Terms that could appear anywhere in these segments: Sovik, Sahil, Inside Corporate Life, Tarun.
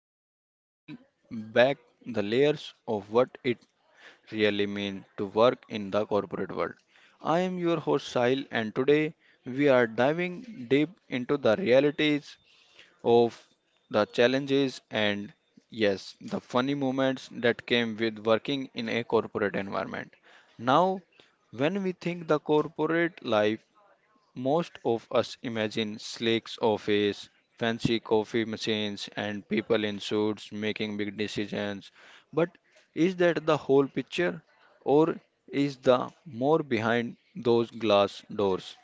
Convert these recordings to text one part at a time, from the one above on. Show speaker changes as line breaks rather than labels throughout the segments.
where we peel back the layers of what it really means to work in the corporate world. I am your host Sahil and today we are diving deep into the realities of the challenges and yes, the funny moments that came with working in a corporate environment. Now, when we think the corporate life, most of us imagine Slake's office, fancy coffee machines, and people in suits making big decisions. But is that the whole picture? Or is the more behind those glass doors?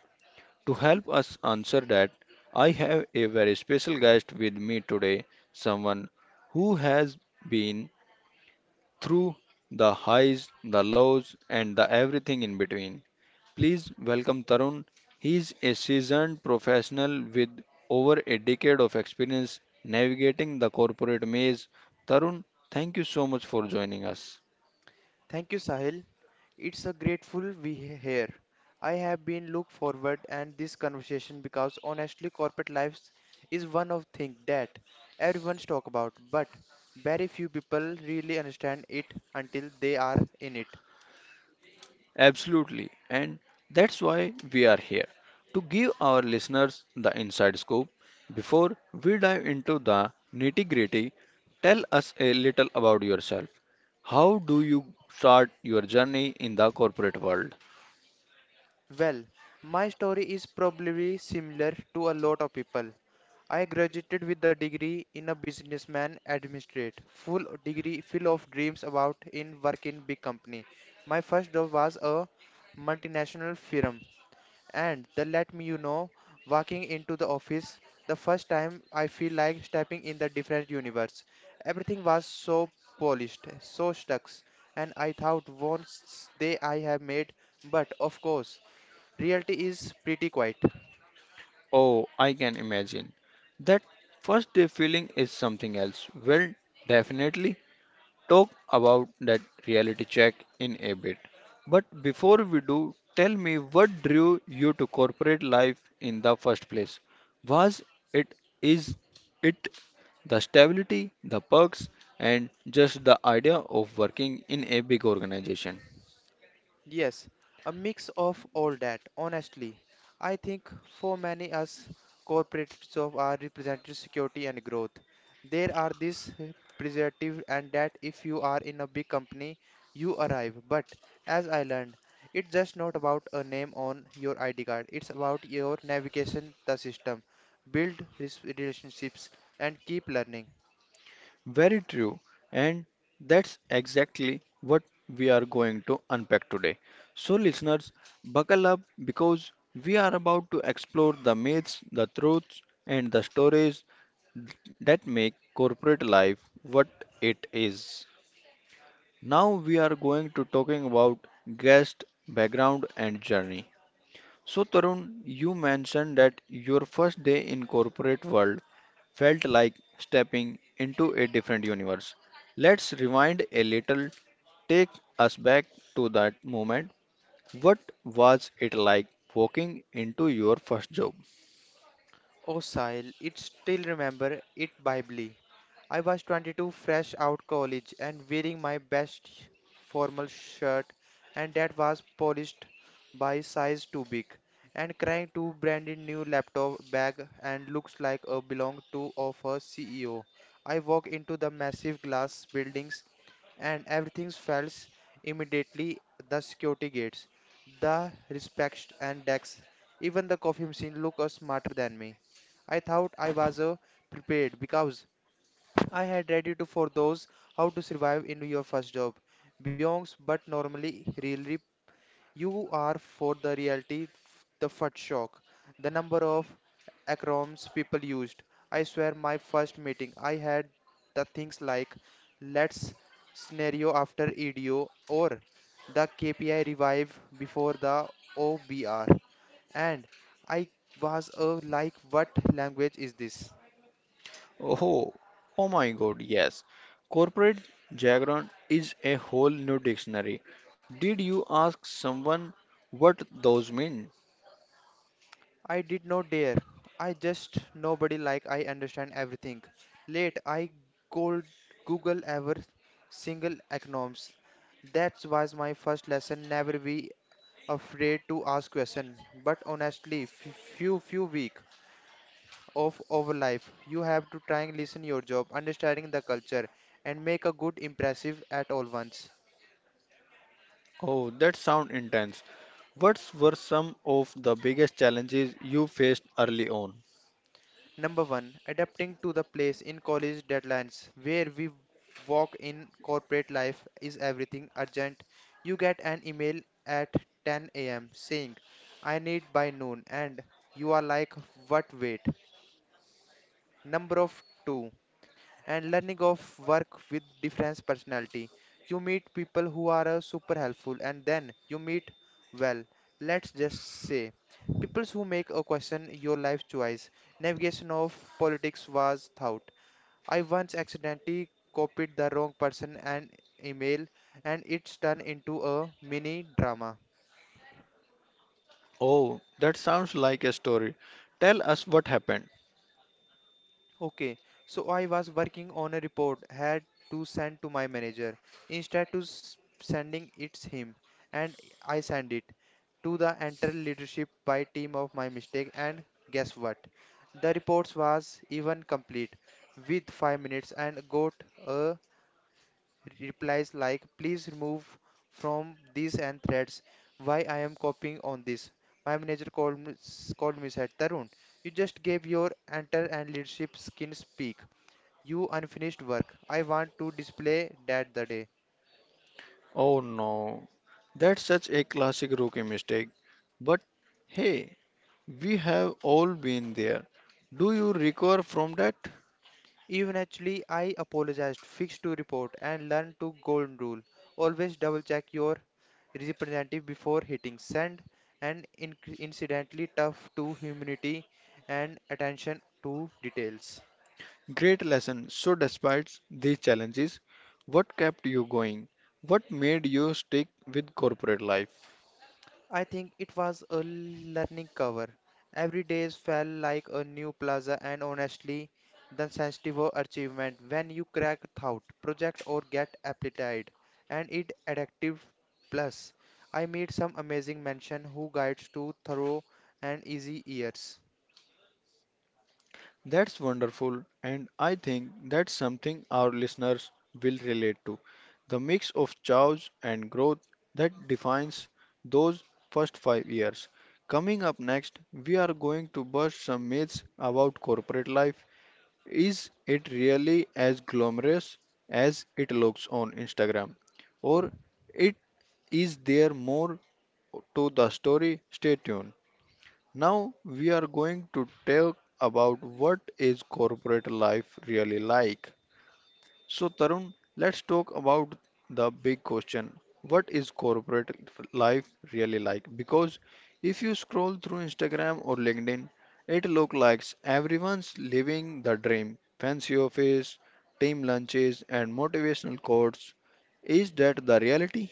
To help us answer that, I have a very special guest with me today, someone who has been through the highs, the lows, and the everything in between. Please welcome Tarun. He is a seasoned professional with over a decade of experience navigating the corporate maze. Tarun, thank you so much for joining us.
Thank you, Sahil. It's a grateful here. I have been look forward and this conversation because honestly, corporate lives is one of thing that everyone's talk about, but very few people really understand it until they are in it.
Absolutely, and that's why we are here to give our listeners the inside scoop. Before we dive into the nitty gritty, tell us a little about yourself. How do you start your journey in the corporate world?
Well, my story is probably similar to a lot of people. I graduated with a degree in a businessman administrate, full degree full of dreams about in work in big company. My first job was a multinational firm and they let me walking into the office the first time I feel like stepping in the different universe. Everything was so polished, so stuck, and I thought once they I have made but of course reality is pretty quiet.
Oh, I can imagine. That first day feeling is something else. Well, definitely talk about that reality check in a bit. But before we do, tell me what drew you to corporate life in the first place? Was it is it the stability, the perks, and just the idea of working in a big organization?
Yes, a mix of all that. Honestly, I think for many us, corporate jobs are represented security and growth. There are this preservative and that if you are in a big company, you arrive. But as I learned, it's just not about a name on your ID card. It's about your navigation the system, relationships, and keep learning.
Very true, and that's exactly what we are going to unpack today. So, listeners, buckle up because we are about to explore the myths, the truths, and the stories that make corporate life what it is. Now, we are going to talking about guest, background, and journey. So, Tarun, you mentioned that your first day in corporate world felt like stepping into a different universe. Let's rewind a little. Take us back to that moment. What was it like walking into your first job?
Oh, Sahil, it still remember it vividly. I was 22, fresh out college, and wearing my formal shirt, and that was polished by size too big, and carrying two branded new laptop bag and looks like a belong to of a CEO. I walk into the massive glass building and everything falls immediately the security gates, the respect and decks, even the coffee machine look smarter than me. I thought I was prepared because I had ready to for those how to survive in your first job. Beyonds but normally really you are for the reality, the first shock, the number of acronyms people used. I swear, my first meeting, I had the things like let's scenario after EDO or the KPI revive before the OBR. And I was like, what language is this?
Oh, oh my God, yes. Corporate jargon is a whole new dictionary. Did you ask someone what those mean?
I did not dare. I just nobody like I understand everything. Late I cold Google ever single acronyms. That was my first lesson. Never be afraid to ask question. But honestly, few week of our life, you have to try and listen your job, understanding the culture, and make a good impressive at all once.
Oh, that sound intense. What were some of the biggest challenges you faced early on?
Number one, adapting to the place in college deadlines where we walk in corporate life is everything urgent. You get an email at 10 a.m. saying, I need by noon, and you are like, what wait? Number of two, and learning of work with different personality. You meet people who are super helpful and then you meet well, let's just say people who make a question your life choice. Navigation of politics was thought. I once accidentally copied the wrong person and email and it's turned into a mini drama.
Oh, that sounds like a story. Tell us what happened.
Okay, so I was working on a report, had to send to my manager. Sending it's him, and I send it to the entire leadership by team of my mistake. And guess what? The reports was even complete with 5 minutes and got a replies like please remove from these and threads. Why I am copying on this? My manager called me said Tarun, you just gave your enter and leadership skin speak you unfinished work. I want to display that the day.
Oh no, that's such a classic rookie mistake. But hey, we have all been there. Do you recover from that?
Eventually, I apologized, fixed to report, and learned to golden rule. Always double check your representative before hitting send, and incidentally tough to humanity and attention to details.
Great lesson. So, despite these challenges, what kept you going? What made you stick with corporate life?
I think it was a learning cover. Every day felt like a new plaza and honestly the sensitive achievement when you crack thought project or get applied and it addictive plus. I meet some amazing mention who guides to thorough and easy years.
That's wonderful, and I think that's something our listeners will relate to. The mix of chaos and growth that defines those first 5 years. Coming up next, we are going to bust some myths about corporate life. Is it really as glamorous as it looks on Instagram? Or it is there more to the story? Stay tuned. Now we are going to talk about what is corporate life really like. So Tarun, let's talk about the big question. What is corporate life really like? Because if you scroll through Instagram or LinkedIn, it looks like everyone's living the dream. Fancy office, team lunches and motivational quotes. Is that the reality?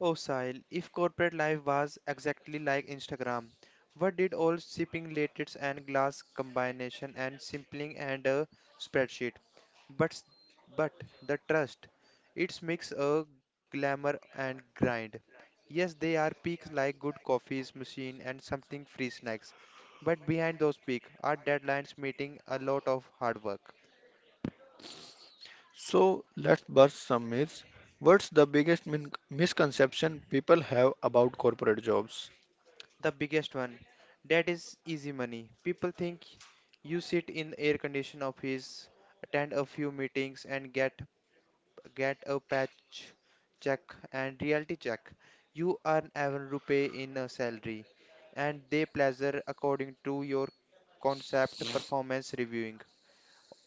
Oh, Sahil, if corporate life was exactly like Instagram, what did all shipping latest and glass combination and simpling and a spreadsheet? But, s- but the trust, it's mix a glamour and grind. Yes, they are peaks like good coffees, machine, and something free snacks. But behind those peaks are deadlines meeting a lot of hard work.
So let's burst some myths. What's the biggest misconception people have about corporate jobs?
The biggest one, that is easy money. People think you sit in air conditioned office, attend a few meetings and get a patch check and reality check. You earn every rupee in a salary and they pleasure according to your concept performance reviewing.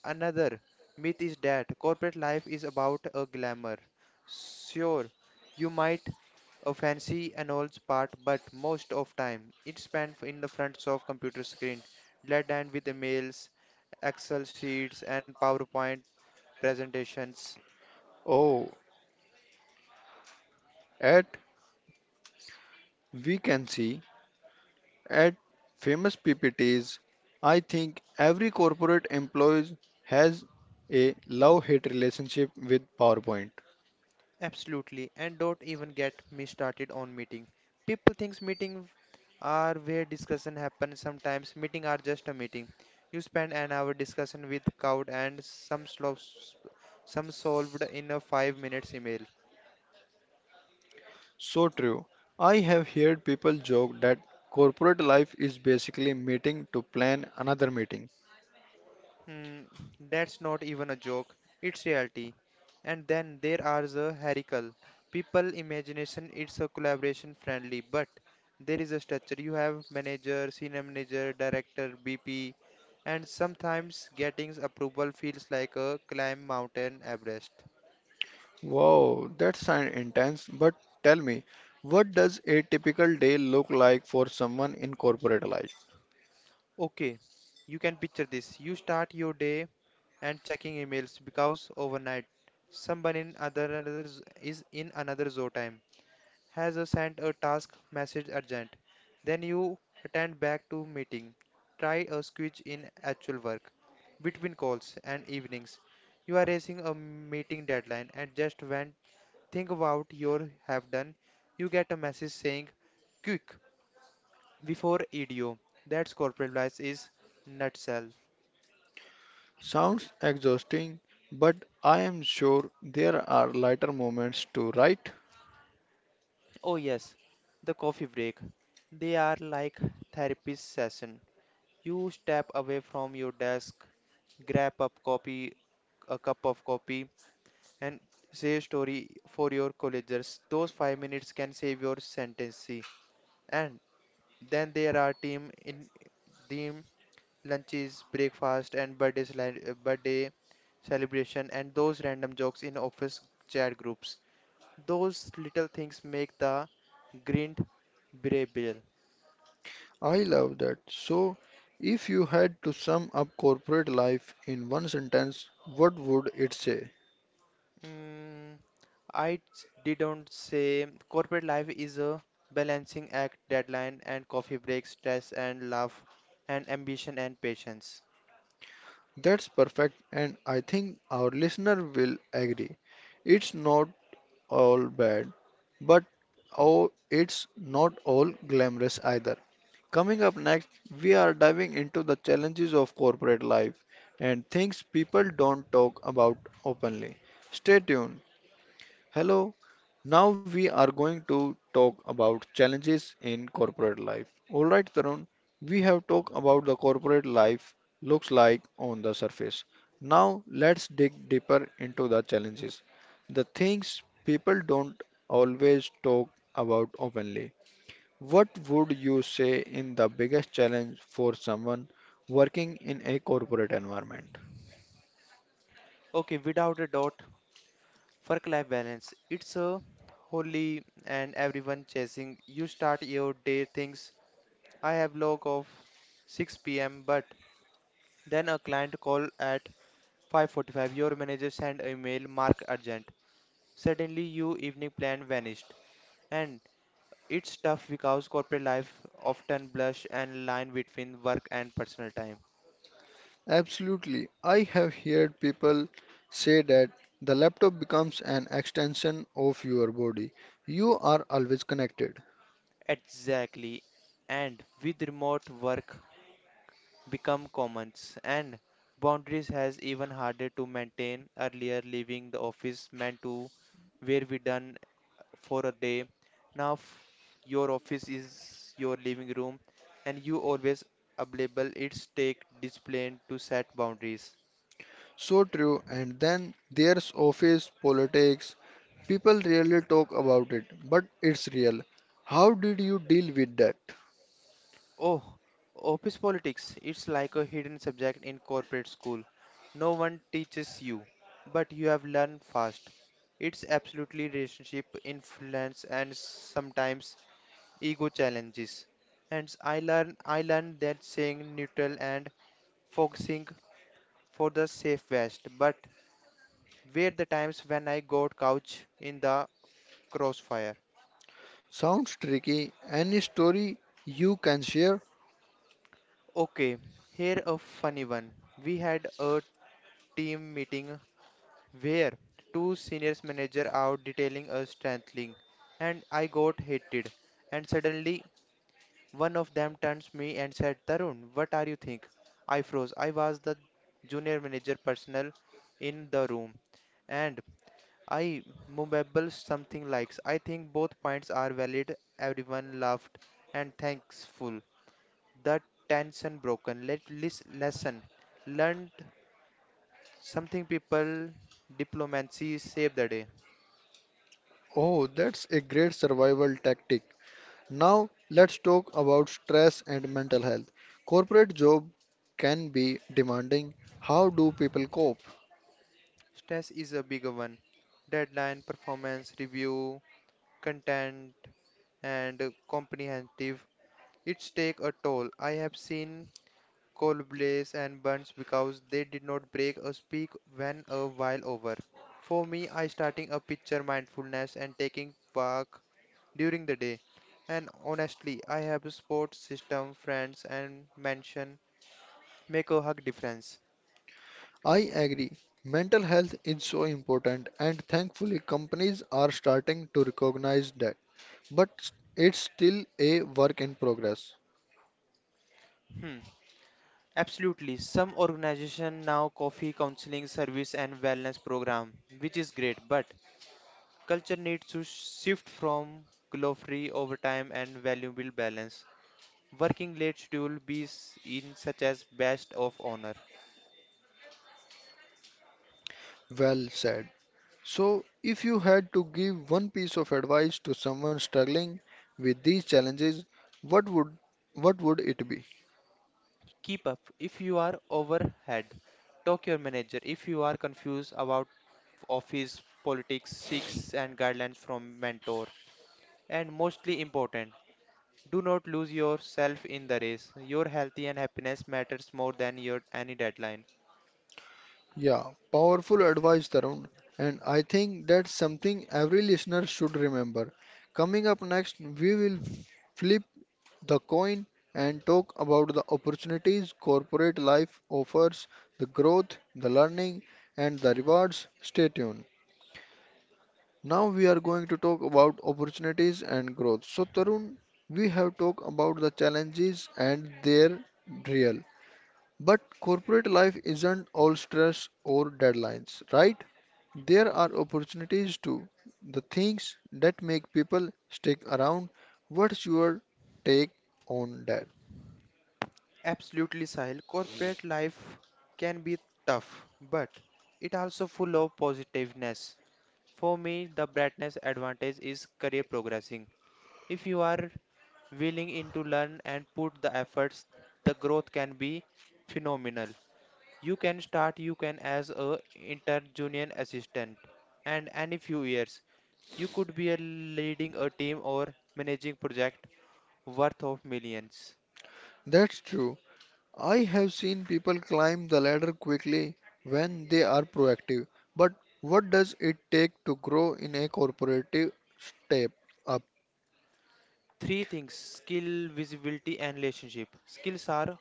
Another myth is that corporate life is about a glamour. Sure, you might fancy an old part, but most of time it's spent in the front of computer screen, dead end with emails, Excel sheets, and PowerPoint presentations.
Oh, at we can see at famous PPTs, I think every corporate employee has a love-hate relationship with PowerPoint.
Absolutely, and don't even get me started on meeting. People thinks meeting are where discussion happens. Sometimes meeting are just a meeting. You spend an hour discussion with crowd and some slow, some solved in a 5 minutes email.
So true. I have heard people joke that corporate life is basically meeting to plan another meeting.
Hmm, that's not even a joke. It's reality. And then there are the herical. People imagination it's a collaboration friendly, but there is a structure. You have manager, senior manager, director, BP, and sometimes getting approval feels like a climb mountain Everest.
Wow, that sounds intense. But tell me, what does a typical day look like for someone in corporate life?
Okay, you can picture this. You start your day and checking emails because overnight someone in other another z- is in another zone time. Has a sent a task message urgent. Then you attend back to meeting. Try a switch in actual work between calls and evenings. You are racing a meeting deadline and just when think about your have done, you get a message saying quick before EDO. That's corporate life is nutshell.
Sounds exhausting, but I am sure there are lighter moments too, right?
Oh yes, the coffee break. They are like therapy session. You step away from your desk, grab a copy a cup of coffee and say a story for your colleagues. Those 5 minutes can save your sentence. And then there are team lunches, breakfast, and birthday celebration, and those random jokes in office chat groups. Those little things make the grind bearable.
I love that. So, if you had to sum up corporate life in one sentence, what would it say?
Mm, didn't say corporate life is a balancing act, deadline and coffee breaks, stress and love, and ambition and patience.
That's perfect, and I think our listener will agree. It's not all bad, but oh, it's not all glamorous either. Coming up next, we are diving into the challenges of corporate life and things people don't talk about openly. Stay tuned. Hello, now we are going to talk about challenges in corporate life. All right, Tarun, we have talked about the corporate life looks like on the surface. Now let's dig deeper into the challenges. The things people don't always talk about openly. What would you say in the biggest challenge for someone working in a corporate environment?
Okay, without a doubt, work-life balance. It's a holy and everyone chasing. You start your day things. I have log of 6 p.m. but then a client call at 5:45. Your manager send a email mark urgent. Suddenly your evening plan vanished and it's tough because corporate life often blurs and line between work and personal time.
Absolutely. I have heard people say that the laptop becomes an extension of your body. You are always connected.
Exactly. And with remote work become commons and boundaries has even harder to maintain. Earlier leaving the office meant to where we done for a day. Now f- your office is your living room and you always available. It's take discipline to set boundaries.
So true. And then there's office politics. People rarely talk about it, but it's real. How did you deal with that?
Oh, office politics. It's like a hidden subject in corporate school. No one teaches you, but you have learned fast. It's absolutely relationship influence and sometimes ego challenges. And I learned that staying neutral and focusing for the safe best, but were the times when I got couch in the crossfire.
Sounds tricky. Any story you can share?
Okay, here a funny one. We had a team meeting where two seniors manager are detailing a strengthening and I got heated and suddenly one of them turns me and said Tarun, what are you think? I froze. I was the junior manager personnel in the room and I mumbled something like I think both points are valid. Everyone laughed and thankful the tension broken, let this lesson learned something people, diplomacy saved the day.
Oh, that's a great survival tactic. Now, let's talk about stress and mental health. Corporate job can be demanding. How do people cope?
Stress is a bigger one. Deadline, performance, review, content, and comprehensive. It's take a toll. I have seen blaze and burns because they did not break or speak when a while over. For me, I starting a picture mindfulness and taking walk during the day. And honestly, I have a support system, friends, and mention make a hug difference.
I agree. Mental health is so important and thankfully companies are starting to recognize that. But it's still a work in progress.
Hmm. Absolutely. Some organization now coffee counseling service and wellness program, which is great, but culture needs to shift from glory over time and valuable balance. Working late schedule be s- in such as best of honor.
Well said. So, if you had to give one piece of advice to someone struggling with these challenges, what would what would it be?
Keep up if you are overhead. Talk your manager if you are confused about office politics, seeks and guidelines from mentor. And mostly important, do not lose yourself in the race. Your health and happiness matters more than your any deadline.
Yeah, powerful advice, Tarun. And I think that's something every listener should remember. Coming up next, we will flip the coin and talk about the opportunities corporate life offers, the growth, the learning, and the rewards. Stay tuned. Now we are going to talk about opportunities and growth. So, Tarun, we have talked about the challenges and their real. But corporate life isn't all stress or deadlines, right? There are opportunities too. The things that make people stick around. What's your take on that?
Absolutely, Sahil. Corporate life can be tough, but it also full of positiveness. For me, the brightness advantage is career progressing. If you are willing in to learn and put the efforts, the growth can be phenomenal. You can as a inter junior assistant and any few years you could be a leading a team or managing project worth of millions.
That's true. I have seen people climb the ladder quickly when they are proactive. But what does it take to grow in a corporative step up?
Three things skill, visibility, and relationship. Skills are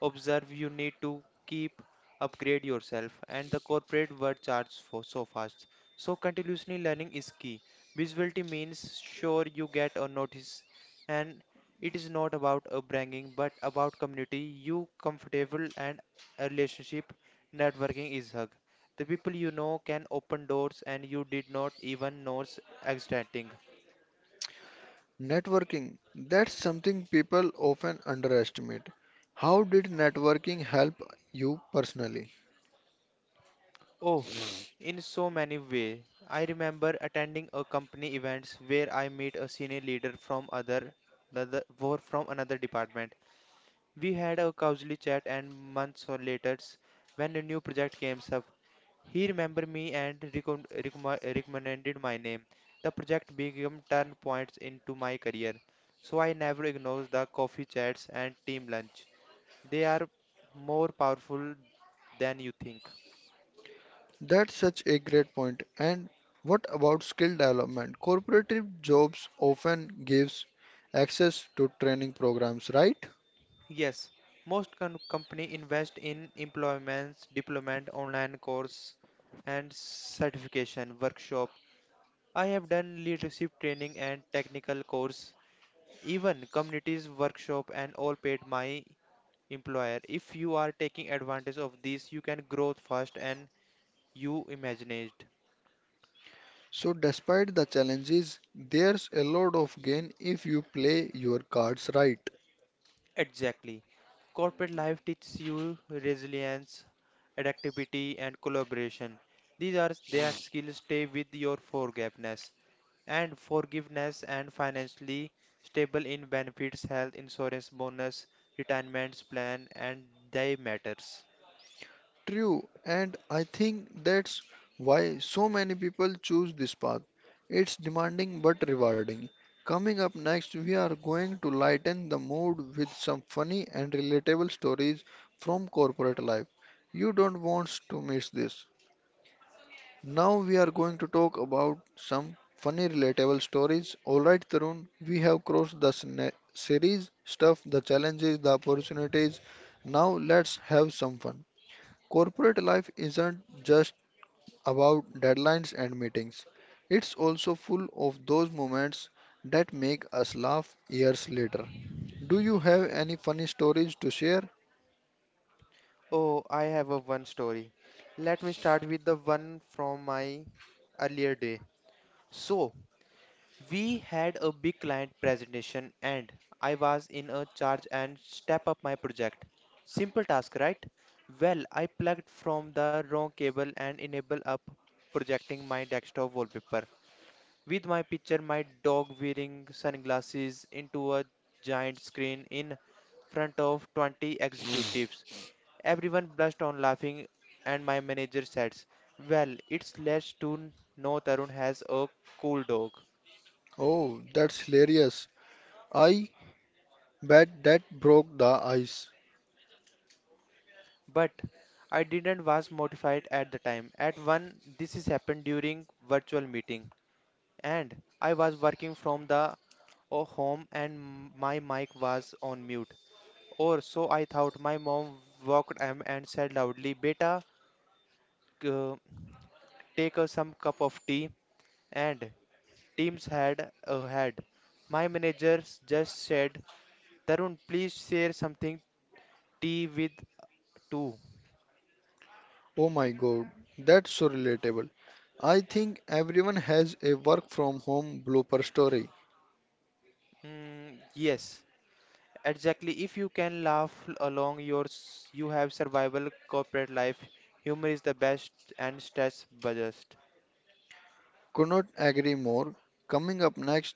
observe you need to keep upgrade yourself and the corporate world charges for so fast, so continuously learning is key. Visibility means sure you get a notice, and it is not about a bragging but about community you comfortable. And a relationship, networking is hug. The people you know can open doors and you did not even know existing.
Networking. That's something people often underestimate. How did networking help you personally?
Oh, in so many ways. I remember attending a company events where I met a senior leader from other another were from another department. We had a casual chat and months or later, when a new project came up, he remembered me and recommended my name. The project became turn points into my career. So I never ignore the coffee chats and team lunch. They are more powerful than you think.
That's such a great point. And what about skill development? Corporate jobs often gives access to training programs, right?
Yes, most company invest in employments, deployment, online course, and certification workshop. I have done leadership training and technical course, even communities workshop, and all paid my employer. If you are taking advantage of this, you can grow fast and you imagined.
So despite the challenges, there's a lot of gain if you play your cards right.
Exactly. Corporate life teaches you resilience, adaptability, and collaboration. These are that skills stay with your forgiveness, and forgiveness and financially stable in benefits, health insurance bonus, retirement plan, and they matters.
True, and I think that's why so many people choose this path. It's demanding but rewarding. Coming up next, we are going to lighten the mood with some funny and relatable stories from corporate life. You don't want to miss this. Now we are going to talk about some funny relatable stories. Alright, Tarun, we have crossed the series stuff, the challenges, the opportunities. Now let's have some fun. Corporate life isn't just about deadlines and meetings. It's also full of those moments that make us laugh years later. Do you have any funny stories to share?
Oh, I have a one story. Let me start with the one from my earlier day. So, we had a big client presentation and I was in a charge and step up my project. Simple task, right? Well, I plugged from the wrong cable and enable up projecting my desktop wallpaper with my picture, my dog wearing sunglasses into a giant screen in front of 20 executives. Everyone burst on laughing, and my manager says, "Well, it's less to know Tarun has a cool dog."
Oh, that's hilarious. I bet that broke the ice.
But I didn't was mortified at the time. At one, this is happened during virtual meeting, and I was working from the home, and my mic was on mute. Or so I thought. My mom walked in and said loudly, "Beta, c- take us some cup of tea." And teams had a had. My managers just said, "Tarun, please share something tea with too."
Oh my god, that's so relatable. I think everyone has a work from home blooper story.
Yes, exactly. If you can laugh along your, you have survival corporate life. Humor is the best and stress bust.
Could not agree more. Coming up next,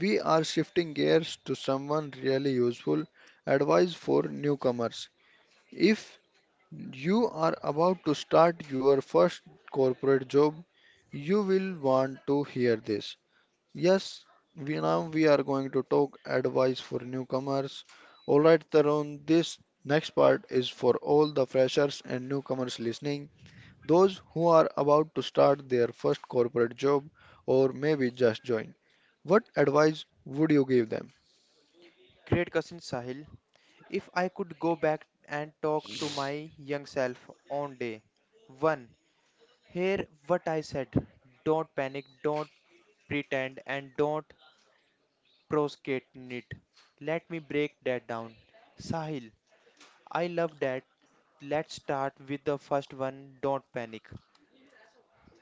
we are shifting gears to someone really useful advice for newcomers. If you are about to start your first corporate job, you will want to hear this. Yes, we now we are going to talk advice for newcomers. All right, Tarun, this next part is for all the freshers and newcomers listening those who are about to start their first corporate job or maybe just join. What advice would you give them?
Great cousin Sahil. If I could go back and talk to my young self on day one, hear what I said. Don't panic, don't pretend, and don't prosecute it. Let me break that down. Sahil, I love that. Let's start with the first one. Don't panic.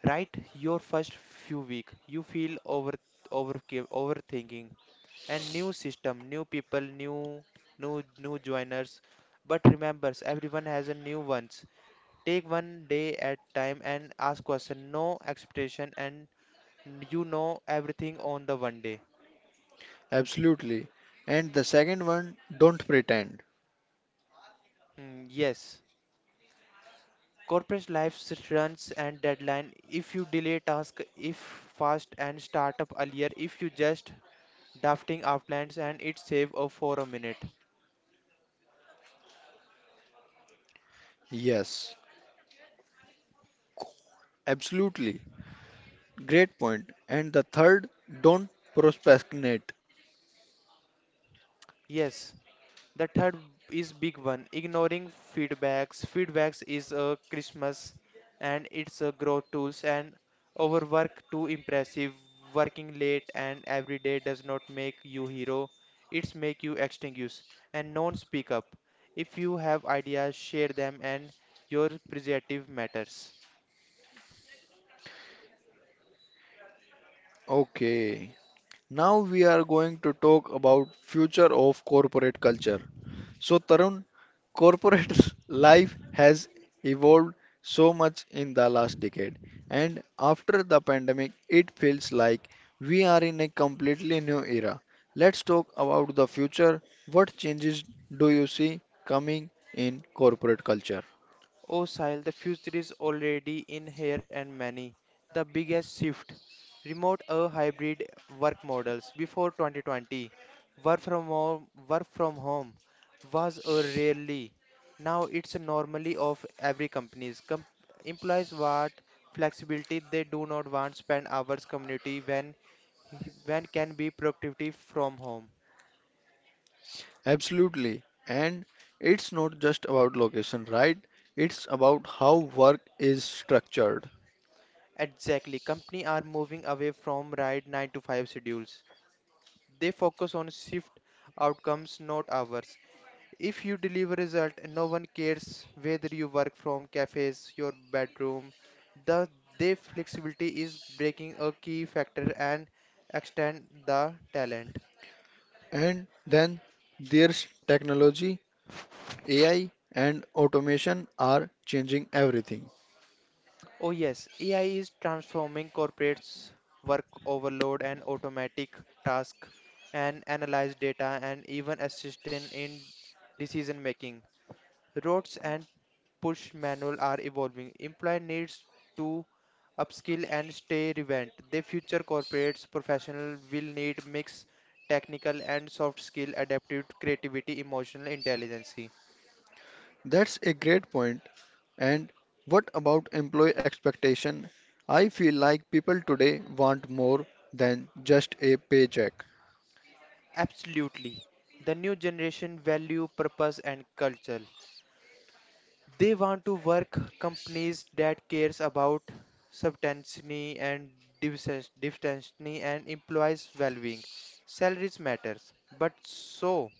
Right, your first few week, you feel over overthinking, and new system, new people, new joiners. But remember, everyone has a new ones. Take one day at time and ask question. No expectation and you know everything on the one day.
Absolutely. And the second one, don't pretend.
Yes. Corporate life runs and deadline. If you delay task, if fast and start up earlier, if you just drafting outlines and it save for a minute.
Yes, absolutely. Great point. And the third, don't procrastinate.
Yes. The third is big one, ignoring feedbacks. Feedbacks is a Christmas and it's a growth tools and overwork too impressive. Working late and every day does not make you hero. It's make you extinguish and non speak up. If you have ideas, share them and your preservative matters.
Okay. Now we are going to talk about future of corporate culture. So Tarun, corporate life has evolved so much in the last decade and after the pandemic it feels like we are in a completely new era. Let's talk about the future. What changes do you see coming in corporate culture?
Oh, Sahil, the future is already in here and many. The biggest shift remote or hybrid work models. Before 2020, work from home was a rarely. Now it's a normally of every companies. Employees want flexibility. They do not want spend hours community when can be productivity from home.
Absolutely, and it's not just about location, right? It's about how work is structured.
Exactly. Company are moving away from right 9 to 5 schedules. They focus on shift outcomes, not hours. If you deliver result, no one cares whether you work from cafes, your bedroom. The their flexibility is breaking a key factor and extend the talent.
And then there's technology. AI and automation are changing everything.
Oh yes, AI is transforming corporates' work overload and automatic task and analyze data and even assist in decision making. Robots and push manual are evolving. Employer needs to upskill and stay relevant. The future corporates professional will need mix technical and soft skill, adaptive creativity, emotional intelligence.
That's a great point. And what about employee expectation? I feel like people today want more than just a paycheck.
Absolutely. The new generation value purpose and culture. They want to work companies that cares about substance and diversity and employees' well-being. Salaries matters, but so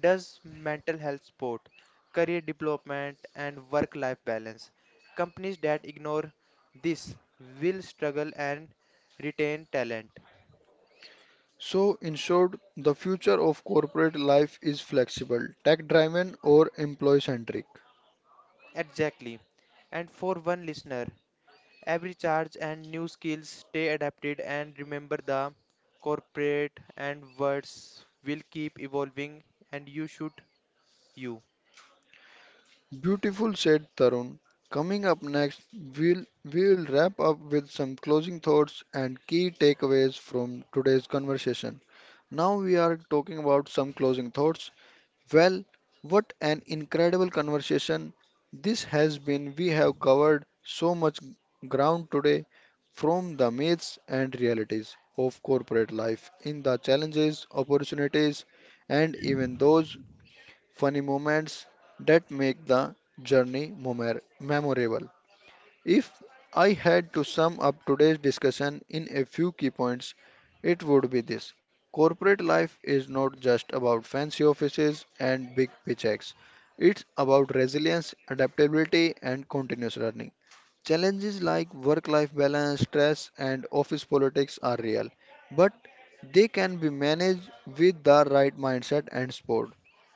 does mental health support, career development, and work life balance? Companies that ignore this will struggle and retain talent.
So, in short, the future of corporate life is flexible, tech driven, or employee centric.
Exactly. And for one listener, every charge and new skills stay adapted and remember the corporate and words will keep evolving and you should you.
Beautiful, said Tarun. Coming up next, we'll, we'll wrap up with some closing thoughts and key takeaways from today's conversation. Now we are talking about some closing thoughts. Well, what an incredible conversation this has been. We have covered so much ground today from the myths and realities of corporate life in the challenges, opportunities, and even those funny moments that make the journey memorable. If I had to sum up today's discussion in a few key points, it would be this. Corporate life is not just about fancy offices and big paychecks. It's about resilience, adaptability, and continuous learning. Challenges like work life balance, stress, and office politics are real, but they can be managed with the right mindset and sport.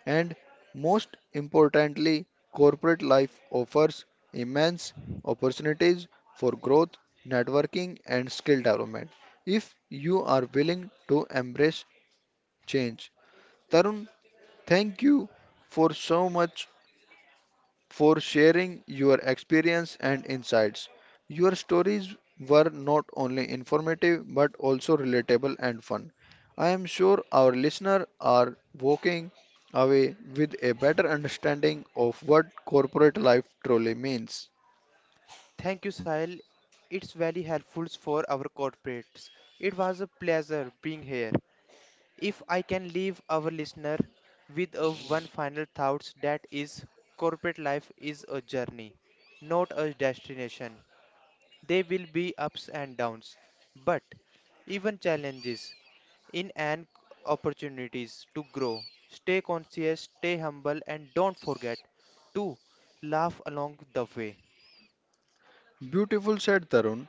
And most importantly, corporate life offers immense opportunities for growth, networking, and skill development if you are willing to embrace change. Tarun, thank you for so much for sharing your experience and insights. Your stories were not only informative but also relatable and fun. I am sure our listeners are walking away with a better understanding of what corporate life truly means.
Thank you, Sahil. It's very helpful for our corporates. It was a pleasure being here. If I can leave our listener with a one final thoughts, that is corporate life is a journey, not a destination. There will be ups and downs, but even challenges in and opportunities to grow. Stay conscious, stay humble and don't forget to laugh along the way.
Beautiful said Tarun.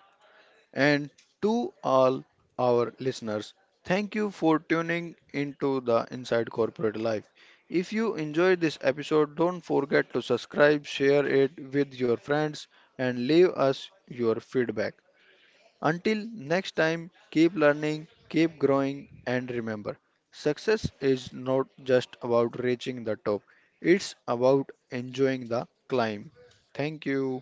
And to all our listeners, thank you for tuning into the Inside Corporate Life. If you enjoyed this episode, don't forget to subscribe, share it with your friends, and leave us your feedback. Until next time, keep learning, keep growing, and remember success is not just about reaching the top, it's about enjoying the climb. Thank you.